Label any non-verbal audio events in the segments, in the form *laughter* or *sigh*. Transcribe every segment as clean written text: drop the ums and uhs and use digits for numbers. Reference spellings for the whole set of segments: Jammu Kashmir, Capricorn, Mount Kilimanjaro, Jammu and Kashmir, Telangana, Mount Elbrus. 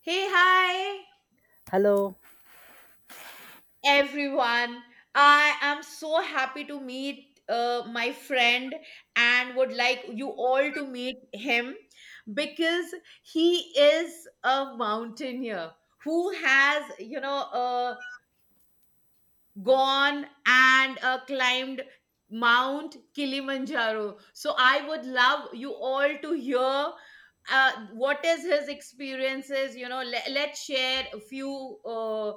Hey, hi Hello. everyone. I am so happy to meet my friend, and would like you all to meet him because he is a mountaineer who has, gone and climbed Mount Kilimanjaro. So I would love you all to hear what is his experiences. Let's share a few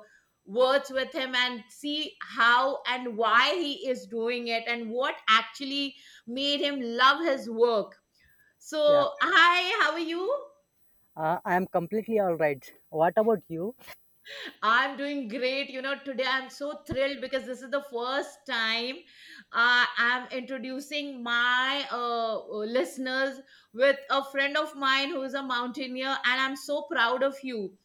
words with him and see how and why he is doing it and what actually made him love his work. Yeah, So, hi, how are you? I am completely all right. What about you? I'm doing great. You know, today I'm so thrilled because this is the first time I'm introducing my listeners with a friend of mine who is a mountaineer, and I'm so proud of you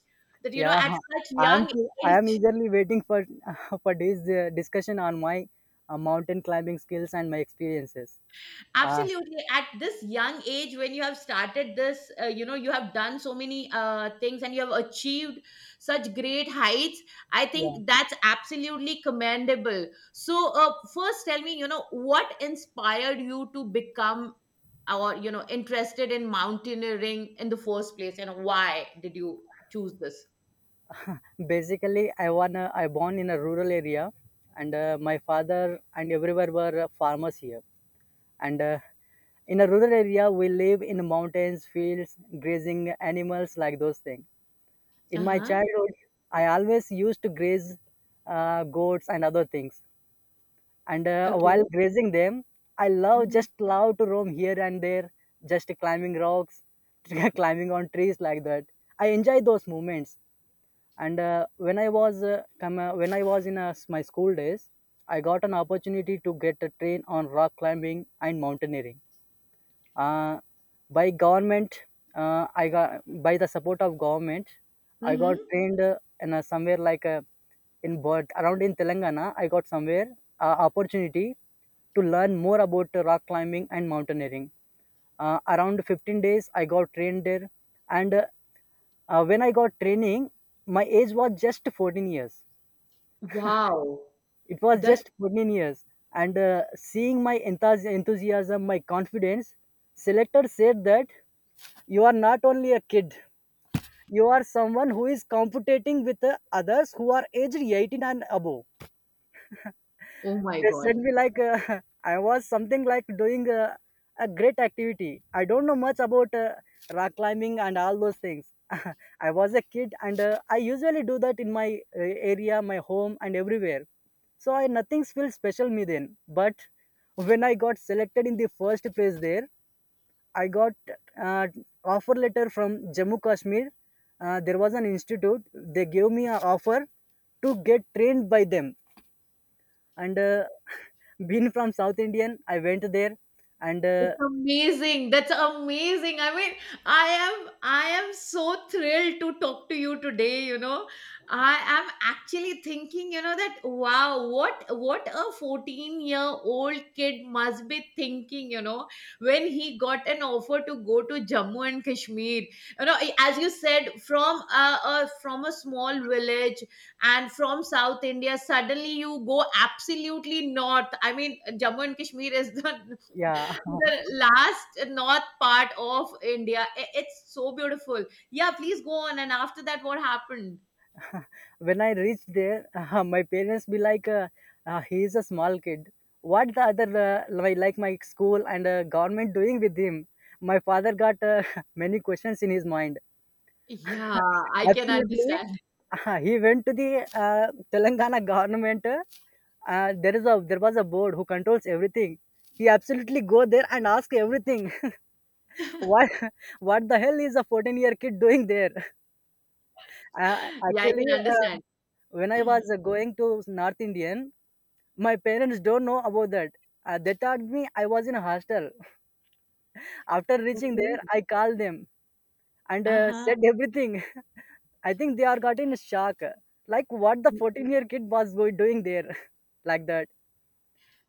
that you know Yeah, at such I am young too, I am age. eagerly waiting for *laughs* for this discussion on my mountain climbing skills and my experiences. Uh, Absolutely, at this young age when you have started this, you have done so many things and you have achieved such great heights. I yeah, think that's absolutely commendable. So first tell me, you know, what inspired you to become or, you know, interested in mountaineering in the first place, and why did you choose this? Basically, I born in a rural area, and my father and everywhere were farmers here. And in a rural area, we live in mountains, fields, grazing animals like those things. In my Uh-huh. childhood, I always used to graze goats and other things. And while Okay. grazing them, I love Mm-hmm. just love to roam here and there, just climbing rocks, *laughs* climbing on trees like that. I enjoy those moments. And when I was in my school days, I got an opportunity to get a train on rock climbing and mountaineering, uh, by government I got by the support of government. I got Mm-hmm. trained somewhere like in but around in Telangana. I got somewhere opportunity to learn more about rock climbing and mountaineering around 15 days. I got trained there, and when I got training, my age was just 14 years. Wow. It was That's just 14 years. And seeing my enthusiasm, my confidence, selector said that you are not only a kid. You are someone who is competing with others who are aged 18 and above. oh my They said god. me like *laughs* I was something like doing a great activity. I don't know much about rock climbing and all those things. *laughs* I was a kid, and I usually do that in my area, my home, and everywhere. So I nothing feels special me then. But when I got selected in the first place there, I got uh, offer letter from Jammu Kashmir. There was an institute. They gave me an offer to get trained by them. And *laughs* being from South Indian, I went there. And uh, It's amazing. That's amazing. I mean, I am so thrilled to talk to you today, you know. I am actually thinking, you know, that wow, what a 14-year-old kid must be thinking, you know, when he got an offer to go to Jammu and Kashmir. You know, as you said, from a from a small village and from South India, suddenly you go absolutely north. I mean, Jammu and Kashmir is yeah, the last north part of India. I- It's so beautiful. Yeah, please go on. And after that, what happened? *laughs* when I reached there, *laughs* my parents be like, "He is a small kid. What the other like my school and government doing with him?" My father got *laughs* many questions in his mind. Yeah, *laughs* I can Absolutely. understand. Uh-huh. He went to the Telangana government. There was a board who controls everything. He absolutely go there and ask everything. *laughs* *laughs* What what the hell is a 14 year kid doing there? Uh, Yeah, I actually, can uh, understand. when I *clears throat* was going to North Indian, my parents don't know about that. They told me I was in a hostel. *laughs* After reaching Okay. there, I called them and Uh huh. said everything. *laughs* I think they are got in shock. Like what the 14 year kid was doing there *laughs* like that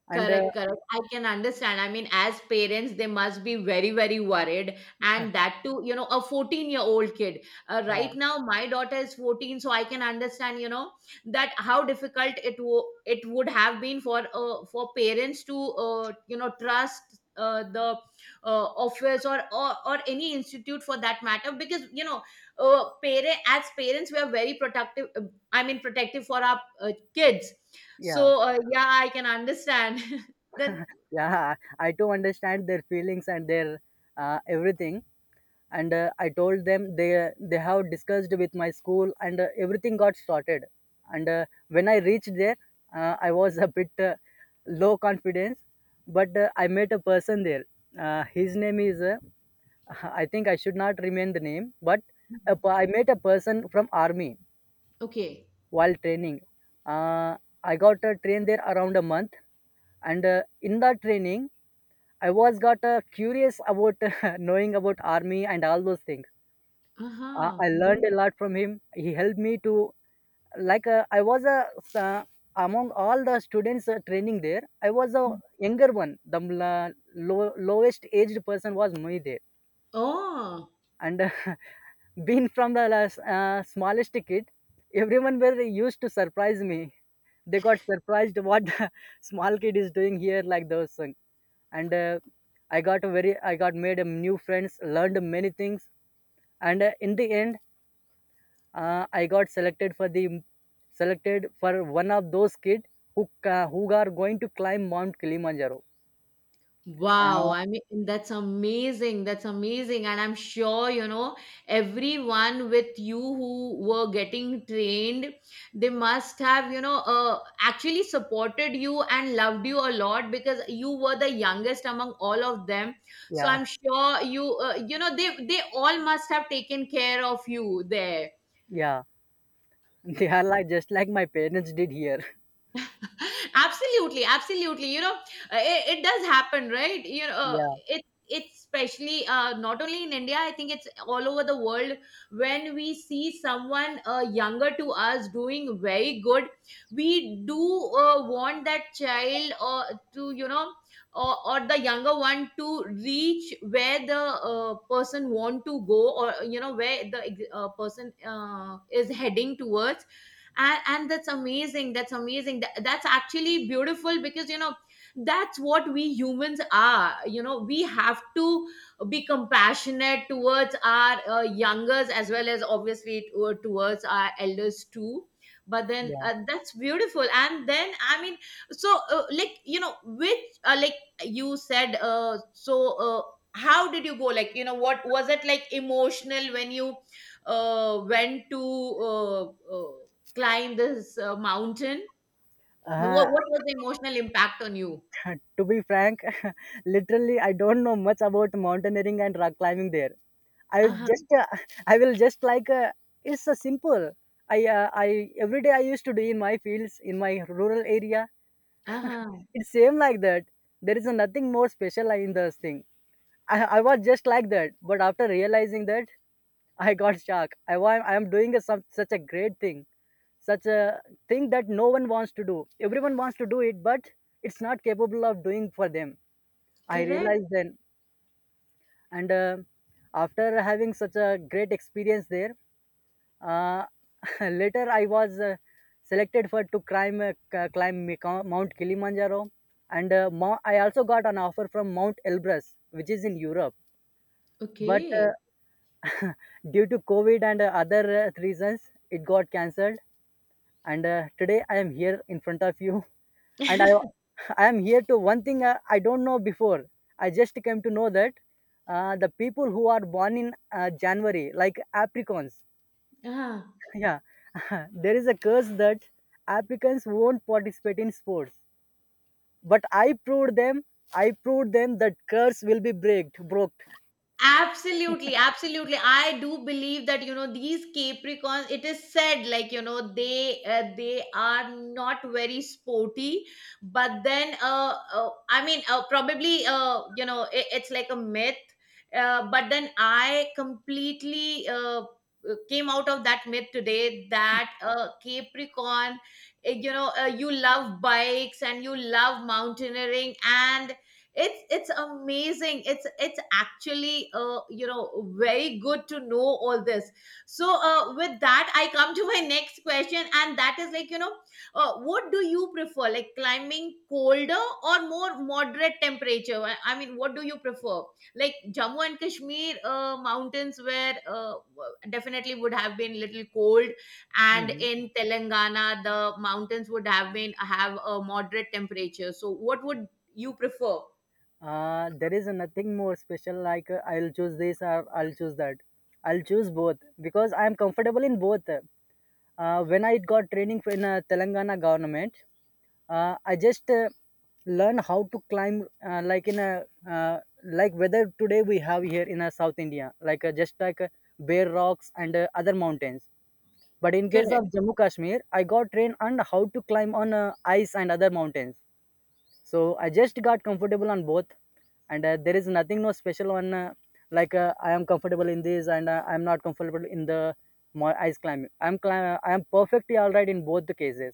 and. Uh, Correct, correct. I can understand. I mean, as parents, they must be very, very worried. And that too, you know, a 14-year-old kid. Yeah Right now, my daughter is 14, so I can understand, you know, that how difficult it would have been for parents to, you know, trust. The office or, or any institute for that matter, because you know parent as parents we are very protective, I mean protective for our kids. yeah So, yeah, I can understand. *laughs* Then, yeah *laughs* I do understand their feelings and their everything. And I told them they have discussed with my school, and everything got sorted. And when I reached there, I was a bit low confidence, but I met a person there. His name is *laughs* I think I should not remain the name, but I met a person from army. okay. While training, uh, I got trained there around a month, and in that training I was got curious about *laughs* knowing about army and all those things. Uh-huh. I learned Mhm. a lot from him. He helped me to like I was a uh, among all the students training there. I was a younger one. The lowest aged person was me there, Oh, and *laughs* being from the last, smallest kid, everyone were used to surprise me. They got surprised what *laughs* small kid is doing here like those things. And I got made a new friends, learned many things, and in the end, I got selected for the selected for one of those kids who ca who are going to climb Mount Kilimanjaro. wow. Uh, I mean, that's amazing. That's amazing. And I'm sure, you know, everyone with you who were getting trained, they must have, you know, actually supported you and loved you a lot because you were the youngest among all of them. So yeah, I'm sure you, you know, they all must have taken care of you there. yeah, *laughs* they are like just like my parents did here. *laughs* *laughs* Absolutely, absolutely. You know, it does happen, right? You know, Yeah, it it's especially, not only in India, I think it's all over the world. When we see someone younger to us doing very good, we do want that child, or to, you know, or the younger one to reach where the person want to go, or you know where the person is heading towards. And that's amazing, that's amazing. Th- that's actually beautiful, because you know that's what we humans are. You know, we have to be compassionate towards our youngers, as well as obviously towards our elders too. But then yeah. That's beautiful. And then I mean, so like you know, which like you said, how did you go? Like, you know, what was it like? Emotional, when you went to uh, climb this mountain. Uh, What was the emotional impact on you? *laughs* to be frank, *laughs* literally, I don't know much about mountaineering and rock climbing there. I was Uh huh. just, *laughs* I will just like, it's simple. I every day I used to do in my fields in my rural area. Uh huh. It's same like that. There is nothing more special in this thing. I was just like that, but after realizing that, *laughs* I got shocked. I am doing such a great thing, such a thing that no one wants to do. Everyone wants to do it, but it's not capable of doing for them. I Correct. realized then, and after having such a great experience there, uh, *laughs* later I was selected for to climb Mount Kilimanjaro, and I also got an offer from Mount Elbrus, which is in Europe. But Okay. uh, *laughs* due to COVID and other reasons, it got cancelled. And today I am here in front of you, and I *laughs* *laughs* I am here to one thing I don't know before. I just came to know that the people who are born in January, like Africans, uh *laughs* yeah, *laughs* there is a curse that Africans won't participate in sports. But I proved them. I proved them that curse will be breaked, broke. Absolutely, absolutely. I do believe that, you know, these Capricorns, it is said like, you know, they are not very sporty, but then I mean, probably, uh, you know, it's like a myth. But then I completely came out of that myth today, that Capricorn, you know, you love bikes and you love mountaineering, and it's amazing. It's actually, you know, very good to know all this. So with that I come to my next question, and that is, like, you know, what do you prefer, like climbing colder or more moderate temperature? I mean, what do you prefer? Like Jammu and Kashmir mountains, where definitely would have been little cold, and Mhm. in Telangana the mountains would have been have a moderate temperature. So what would you prefer? There is nothing more special like I'll choose this or I'll choose that. I'll choose both because I am comfortable in both. When I got training in Telangana government, I just learn how to climb like in a uh, like whether today we have here in South India like just like bare rocks and other mountains. But in case Correct. of Jammu Kashmir, I got trained on how to climb on ice and other mountains. So I just got comfortable on both. And there is nothing no special one I am comfortable in this and I am not comfortable in the my ice climbing. I am perfectly all right in both the cases.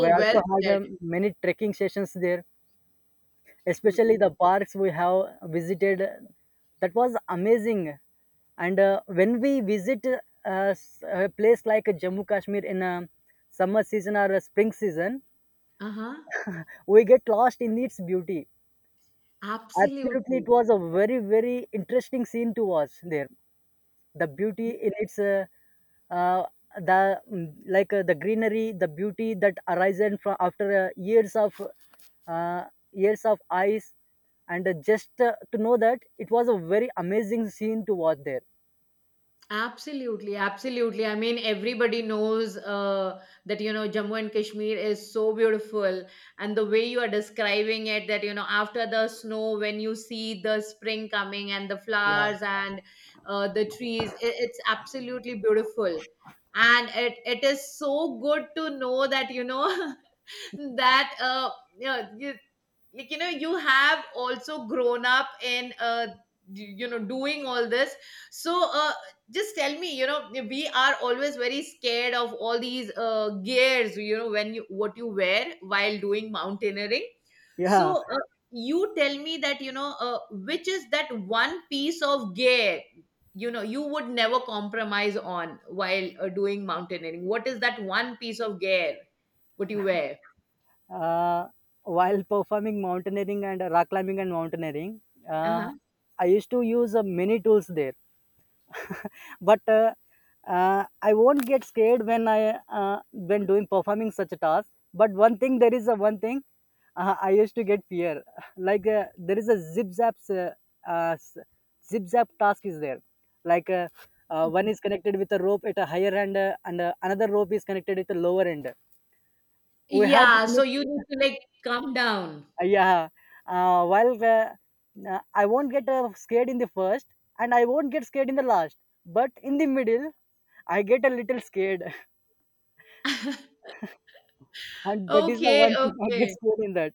We well also had said. Many trekking sessions there, especially Mm. the parks we have visited. That was amazing. And when we visit a place like Jammu Kashmir in a summer season or a spring season, Uh-huh. we get lost in its beauty. Absolutely, it Absolutely. was a very, very interesting scene to watch there. The beauty in its, uh, the mm, like the greenery, the beauty that arises from after uh, years of ice, and just to know that, it was a very amazing scene to watch there. Absolutely. Absolutely. I mean, everybody knows that, you know, Jammu and Kashmir is so beautiful. And the way you are describing it, that, you know, after the snow, when you see the spring coming and the Yeah, flowers and the trees, it's absolutely beautiful. And it is so good to know that, you know, *laughs* that yeah, like you know, you have also grown up in you know doing all this. So uh, just tell me, you know, we are always very scared of all these gears, you know, when you what you wear while doing mountaineering. yeah. So you tell me that, you know, which is that one piece of gear, you know, you would never compromise on while doing mountaineering? What is that one piece of gear what you wear? Uh, while performing mountaineering and rock climbing and mountaineering, uh, I used to use many tools there. But I won't get scared when I when doing performing such a task. But one thing, there is a one thing I used to get fear, *laughs* like there is a zip zap uh, s- zip zap task is there, like one is connected with a rope at a higher end, and another rope is connected at a lower end. We have to Yeah, so connect, you need to like calm down. Yeah. While I won't get scared in the first, and I won't get scared in the last, but in the middle I get a little scared. *laughs* *laughs* And that is the Okay, one thing I get okay. scared in that.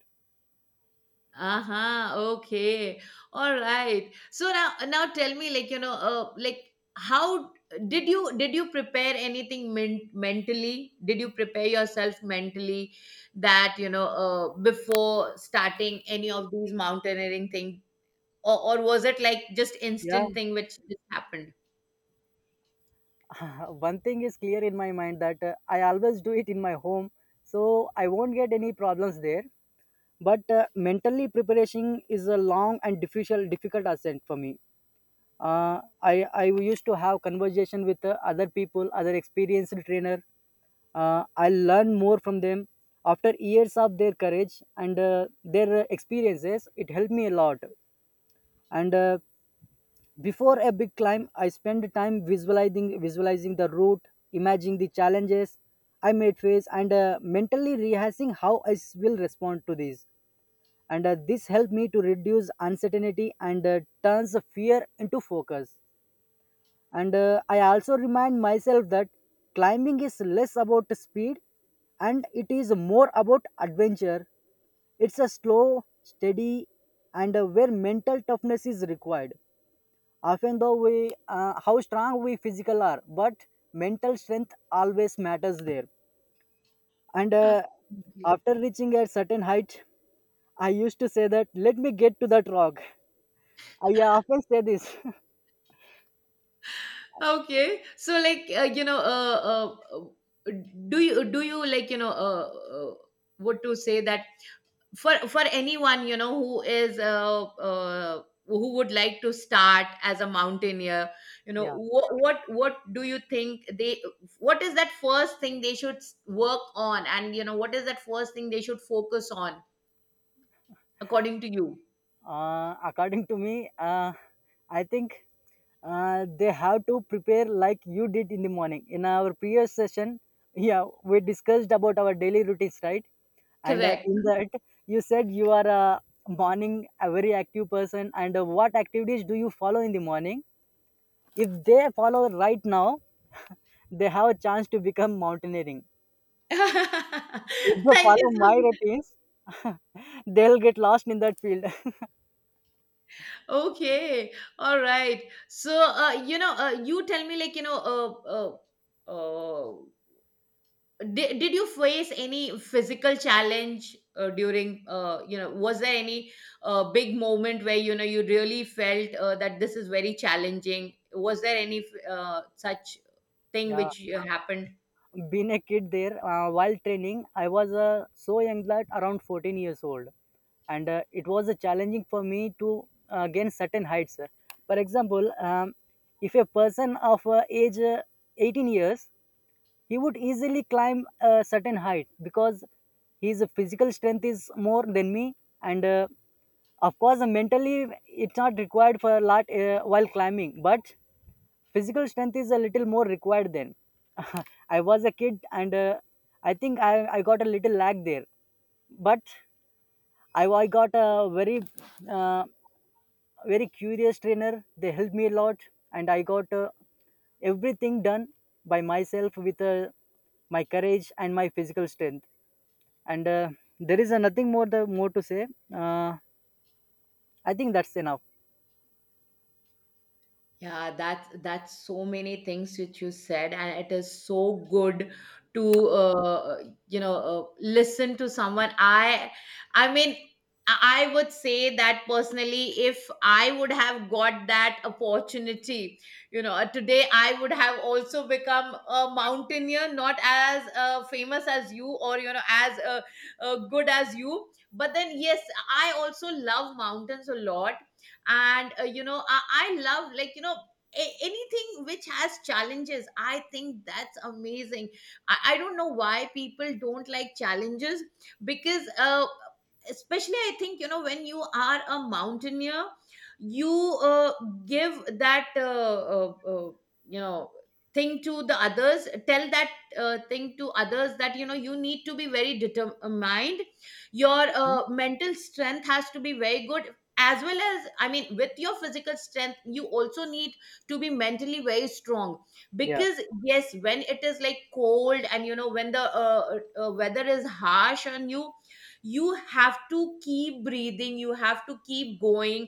Uh-huh, okay. All right. So now now tell me, like, you know, how did you prepare anything mentally? Did you prepare yourself mentally that, you know, before starting any of these mountaineering thing? Or was it like just Yeah. instant thing which just happened? *laughs* One thing is clear in my mind that I always do it in my home, so I won't get any problems there. But mentally preparation is a long and difficult ascent for me. Uh, I I used to have conversation with other people, other experienced trainer. I learn more from them after years of their courage and their experiences. It helped me a lot. And Before a big climb, I spend time visualizing the route, imagining the challenges I may face, and mentally rehearsing how will respond to these. And this helped me to reduce uncertainty and turns the fear into focus. And I also remind myself that climbing is less about speed and it is more about adventure. It's a slow, steady, and where mental toughness is required. Often, though, we how strong we physical are, but mental strength always matters there. And Absolutely. after reaching a certain height, I used to say that let me get to that rock. I often say this. Okay. So like you know, uh, do you like, you know, what to say that, for anyone, you know, who is, who would like to start as a mountaineer, you know, *laughs* Yeah. What do you think they, what is that first thing they should work on, and you know what is that first thing they should focus on according to you? According to me, I think they have to prepare like you did in the morning. In our previous session, yeah, we discussed about our daily routines, right? And Correct. in that, you said you are a morning a very active person. And what activities do you follow in the morning? If they follow right now, they have a chance to become mountaineering. *laughs* If they Thank follow you so. my routines, *laughs* they'll get lost in that field. Okay, all right. So, you know, you tell me, like, you know, uh, did you face any physical challenge during, you know, was there any big moment where, you know, you really felt that this is very challenging? Was there any such *laughs* thing Yeah, which happened? being a kid there while training, I was so young that around 14 years old, and it was challenging for me to gain certain heights. For example, if a person of age 18 years, he would easily climb a certain height because his physical strength is more than me, and of course, mentally it's not required for a lot while climbing, but physical strength is a little more required then. *laughs* I was a kid, and I think I got a little lag there, but I got a very uh, very curious trainer. They helped me a lot, and I got everything done by myself with my courage and my physical strength. And there is nothing more to say. Uh, I think that's enough. Yeah, that's so many things which you said, and it is so good to you know listen to someone. I mean, I would say that personally, if I would have got that opportunity, you know, today I would have also become a mountaineer, not as famous as you, or you know as good as you. But then, yes, I also love mountains a lot, and you know, I love, like, you know, anything which has challenges. I think that's amazing. I don't know why people don't like challenges, because especially I think, you know, when you are a mountaineer, you give that you know thing to the others, tell that thing to others that, you know, you need to be very determined. Your Mhm. Mental strength has to be very good, as well as I mean with your physical strength you also need to be mentally very strong. Yeah, Because yes, when it is like cold, and you know when the weather is harsh on you, you have to keep breathing, you have to keep going.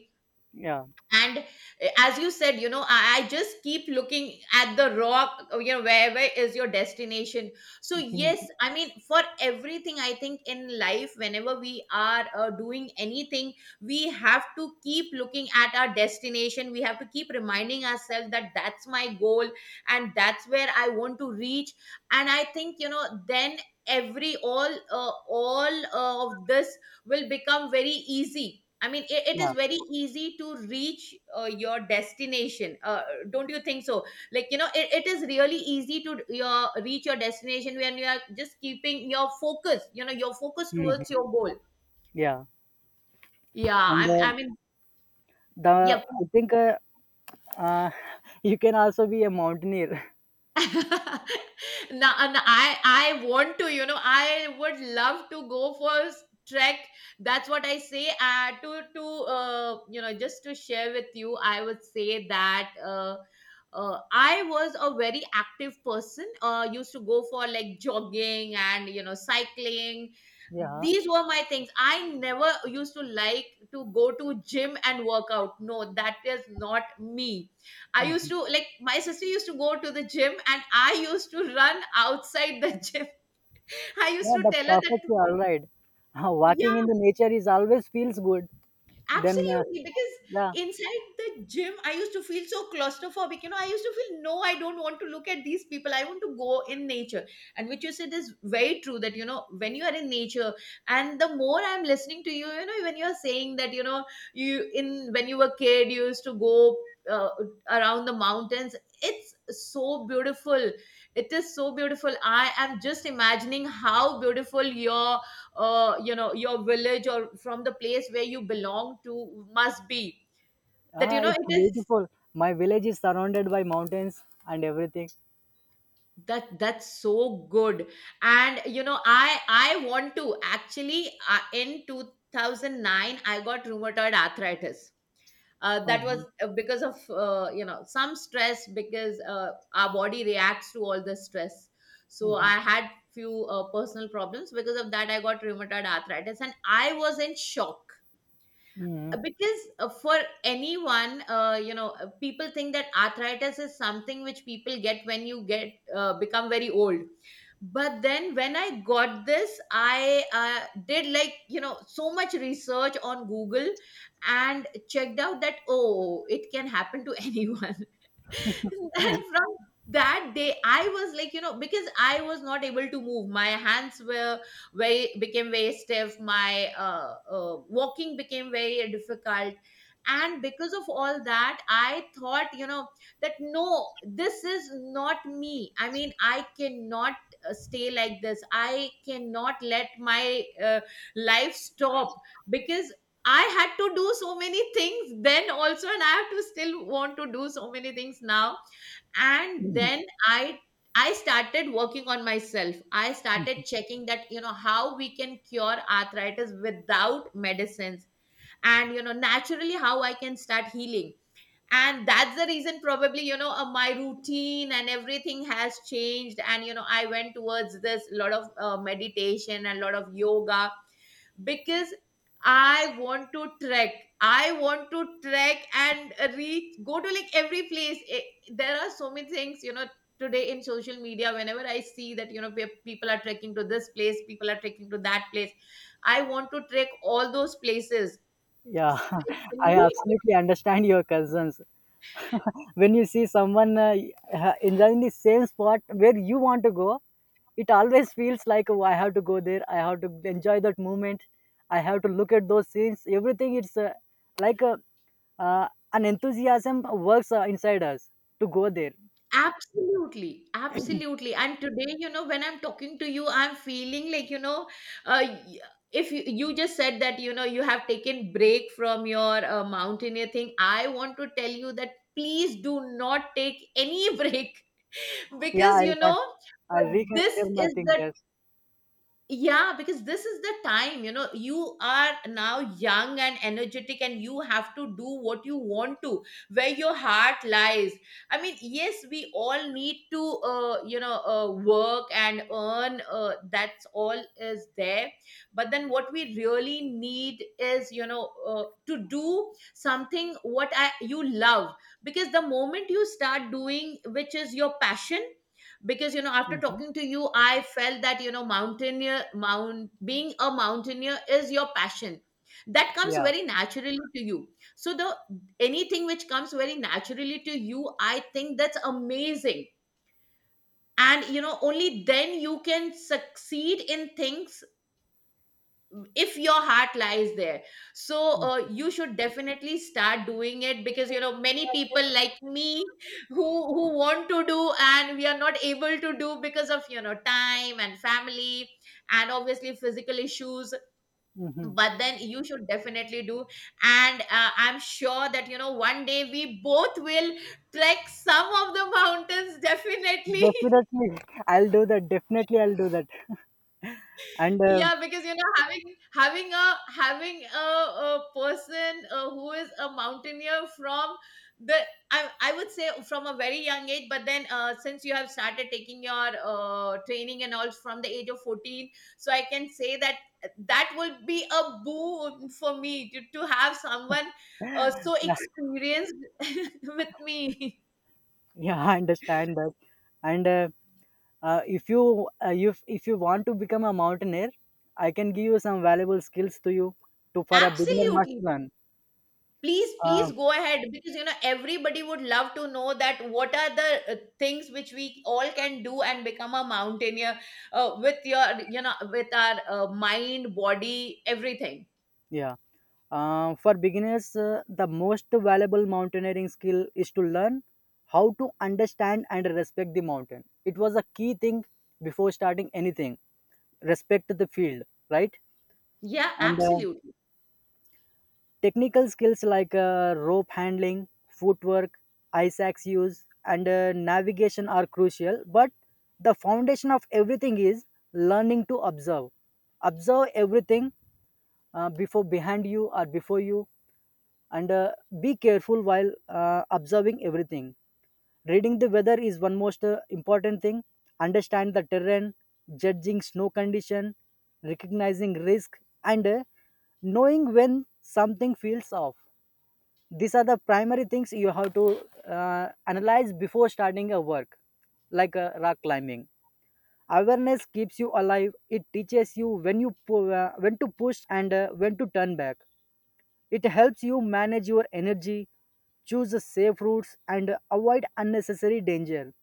yeah, And as you said, you know, I just keep looking at the rock, you know, where is your destination. So yes, mhm, I mean for everything, I think in life, whenever we are doing anything, we have to keep looking at our destination. We have to keep reminding ourselves that that's my goal, and that's where I want to reach. And I think, you know, then every all of this will become very easy. I mean, it is yeah, very easy to reach your destination. Don't you think so? Like, you know, it is really easy to your reach your destination when you are just keeping your focus, you know, your focus towards mhm, your goal. yeah. Yeah, And I mean, yeah, the I think uh, *laughs* you can also be a mountaineer. *laughs* *laughs* now, and I want to, you know, I would love to go for trek. That's what I say. To you know, just to share with you, I would say that. I was a very active person. Used to go for like jogging and you know cycling. Yeah, These were my things. I never used to like to go to gym and work out. No, that is not me. I used mhm, to like my sister used to go to the gym and I used to run outside the *laughs* gym. I used yeah, to that's tell her that, perfectly all right. *laughs* Walking yeah, in the nature is always feels good. Then absolutely, Yeah, because inside the gym, I used to feel so claustrophobic. You know, I used to feel, no, I don't want to look at these people. I want to go in nature. And which you said is very true that, you know, when you are in nature, and the more I'm listening to you, you know, when you're saying that, you know, you in when you were kid, you used to go uh, around the mountains. It's so beautiful. It is so beautiful. I am just imagining how beautiful your you know your village or from the place where you belong to must be, that ah, you know it's it is, beautiful. My village is surrounded by mountains and everything. that's so good. And you know I want to actually, in 2009 I got rheumatoid arthritis. That was Mhm. Because of, you know, some stress, because our body reacts to all the stress. So Mhm. I had few personal problems. Because of that I got rheumatoid arthritis and I was in shock, Mhm. because for anyone, you know, people think that arthritis is something which people get when you get become very old. But then when I got this I did like you know so much research on Google and checked out that, oh, it can happen to anyone. *laughs* And from that day I was like, you know, because I was not able to move, my hands were very became very stiff, my walking became very difficult. And because of all that I thought, you know, that no, this is not me. I mean, I cannot stay like this. I cannot let my life stop, because I had to do so many things then also, and I have to still want to do so many things now. And then I started working on myself. I started checking that, you know, how we can cure arthritis without medicines, and you know naturally how I can start healing. And that's the reason probably, you know, my routine and everything has changed, and you know I went towards this lot of meditation and lot of yoga, because I want to trek. I want to trek and reach, go to like every place. Eh, there are so many things, you know, today in social media, whenever I see that, you know, people are trekking to this place, people are trekking to that place. I want to trek all those places, Yeah, *laughs* I especially. absolutely understand your concerns. *laughs* When you see someone enjoying the same spot where you want to go, it always feels like, oh, I have to go there, I have to enjoy that moment, I have to look at those scenes, everything. It's like uh, an enthusiasm works inside us to go there. Absolutely, absolutely. And today, you know, when I'm talking to you, I'm feeling like, you know, uh, y- if you, you just said that, you know, you have taken break from your mountaineer thing, I want to tell you that please do not take any *laughs* break, yeah because, you i'll, I'll know, I'll this reconsider my is thing. the, Yes. yeah, because this is the time, you know, you are now young and energetic and you have to do what you want to, where your heart lies. I mean yes, we all need to, you know, work and earn, that's all is there. But then what we really need is, you know, to do something what I, you love, because the moment you start doing which is your passion, because you know after Hmm. talking to you I felt that, you know, mountaineer mount being a mountaineer is your passion, that comes Yeah. very naturally to you. So the anything which comes very naturally to you, I think that's amazing. And you know only then you can succeed in things, if your heart lies there. So you should definitely start doing it, because you know many people like me, who want to do and we are not able to do because of, you know, time and family, and obviously physical issues. Mm-hmm. But then you should definitely do. And I'm sure that, you know, one day we both will trek some of the mountains definitely. *laughs* Definitely I'll do that, definitely I'll do that. And Yeah, because you know having a person who is a mountaineer from the, I would say from a very young age, but then since you have started taking your training and all from the age of 14, so I can say that that will be a boon for me to have someone so yeah, experienced *laughs* with me. *laughs* yeah, I understand that. And if you if you want to become a mountaineer, I can give you some valuable skills to you to for a beginner must Absolutely. learn. Please, Uh, please go ahead because, you know, everybody would love to know that what are the things which we all can do and become a mountaineer with your, you know, with our mind, body, everything. yeah. For beginners, the most valuable mountaineering skill is to learn how to understand and respect the mountain. It was a key thing before starting anything. Respect the field, right? Yeah, And absolutely. technical skills like rope handling, footwork, ice axe use, and navigation are crucial, but the foundation of everything is learning to observe. Observe everything before behind you or before you, and be careful while observing everything. Reading the weather is one most important thing. Understand the terrain, judging snow condition, recognizing risk, and knowing when something feels off, these are the primary things you have to analyze before starting a work like rock climbing. Awareness keeps you alive, it teaches you when to push and when to turn back. It helps you manage your energy, choose the safe routes, and avoid unnecessary danger,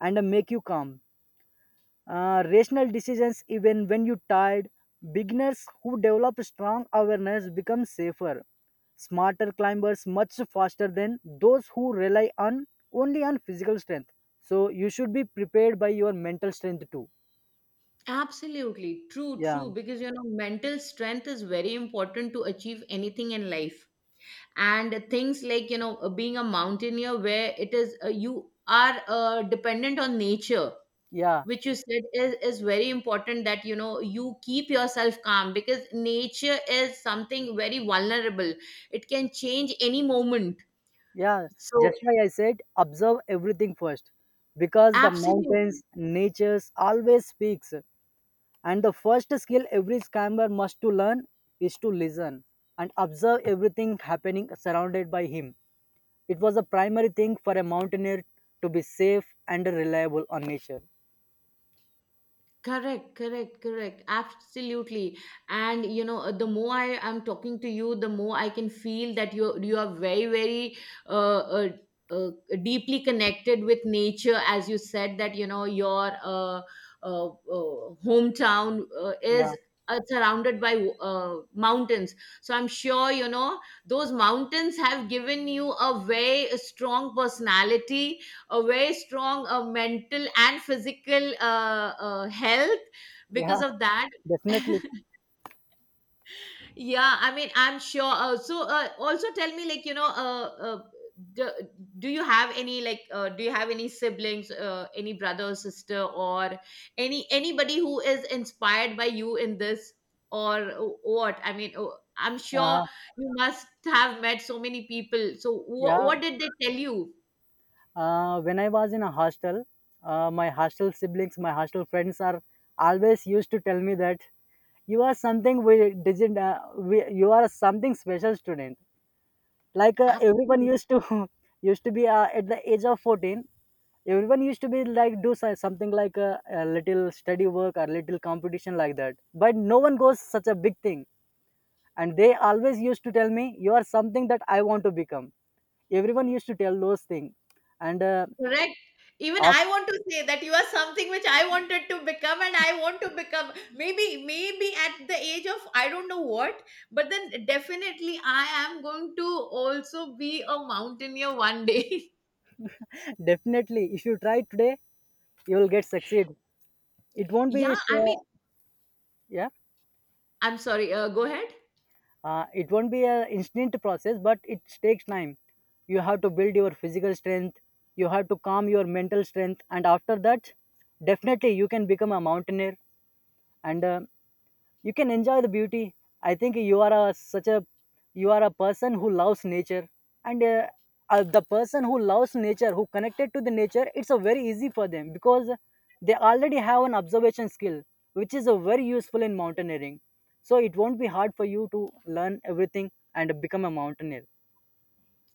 and make you calm. Rational decisions even when you tired. Beginners who develop strong awareness become safer, smarter climbers much faster than those who rely on only on physical strength. So you should be prepared by your mental strength too. Absolutely true, Yeah, true. Because, you know, mental strength is very important to achieve anything in life. And things like, you know, being a mountaineer, where it is you are dependent on nature, yeah, which you said is very important, that you know you keep yourself calm, because nature is something very vulnerable. It can change any moment. yeah, So just why I said observe everything first, because the mountains absolutely. natures always speaks. And the first skill every climber must to learn is to listen and observe everything happening surrounded by him. It was a primary thing for a mountaineer to be safe and reliable on nature. Correct, correct, correct. Absolutely. And you know, the more I am talking to you, the more I can feel that you are very, very uh, uh, uh, deeply connected with nature. As you said that you know your uh, hometown Yeah, is surrounded by mountains. So I'm sure you know those mountains have given you a very strong personality, a very strong mental and physical health, yeah. because of that. Definitely. *laughs* Yeah, I mean, I'm sure. So also tell me, like, you know, do, do you have any, like, do you have any siblings, any brother or sister, or anybody who is inspired by you in this? Or what I mean, I'm sure Uh, you must have met so many people, so yeah. what did they tell you? When I was in a hostel, my hostel siblings, my hostel friends are always used to tell me that you are something we didn't. You are something special student. Like everyone Absolutely. used to *laughs* used to be at the age of 14. Everyone used to be like do something like a little study work or little competition like that. But no one goes such a big thing. And they always used to tell me you are something that I want to become. Everyone used to tell those things. And Correct. Even af- I want to say that you are something which I wanted to become, and I want to become maybe, maybe at the age of I don't know what, but then definitely I am going to also be a mountaineer one day. *laughs* definitely if you try today you will get succeed. It *laughs* won't be Yeah, I mean, sure. Yeah. I'm sorry, go ahead. It won't be an instant process but it takes time. You have to build your physical strength, you have to calm your mental strength, and after that definitely you can become a mountaineer. And you can enjoy the beauty. I think you are a, such a, you are a person who loves nature. And the person who loves nature who connected to the nature, it's a very easy for them because they already have an observation skill which is a very useful in mountaineering. So it won't be hard for you to learn everything and become a mountaineer.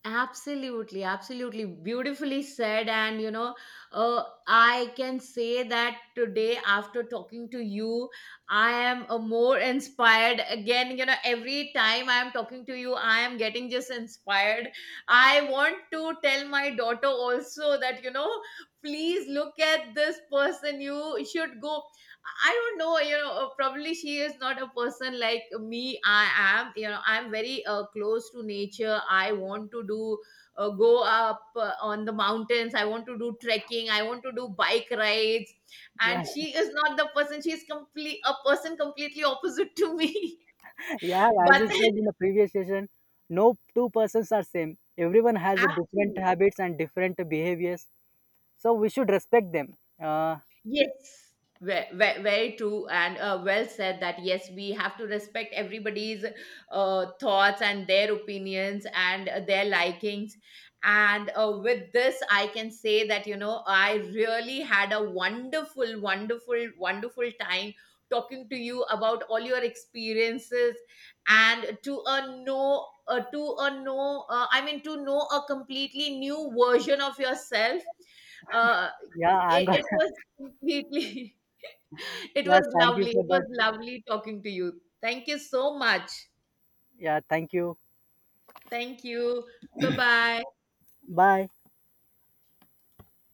Absolutely, absolutely. Beautifully said. And, you know, I can say that today, after talking to you, I am more inspired. Again, you know, every time I am talking to you, I am getting just inspired. I want to tell my daughter also that, you know, please look at this person. You should go. I don't know, you know, probably she is not a person like me. I am, you know, I'm very close to nature. I want to do, go up on the mountains. I want to do trekking. I want to do bike rides. Yeah, And she is not the person. She is complete, a person completely opposite to me. *laughs* yeah, *laughs* as I But then, said in the previous session, no two persons are same, everyone has a different absolutely. habits and different behaviors, so we should respect them. uh, Yes, very true. And well said, that yes, we have to respect everybody's thoughts and their opinions and their likings. And with this, I can say that, you know, I really had a wonderful, wonderful, wonderful time talking to you about all your experiences, and to a no. To a know, I mean, to know a completely new version of yourself. Uh, Yeah, I'm it, gonna. it *laughs* was completely. *laughs* It Yeah, was thank you lovely. for It that. was lovely talking to you. Thank you so much. Yeah, thank you. Thank you. Bye bye. Bye.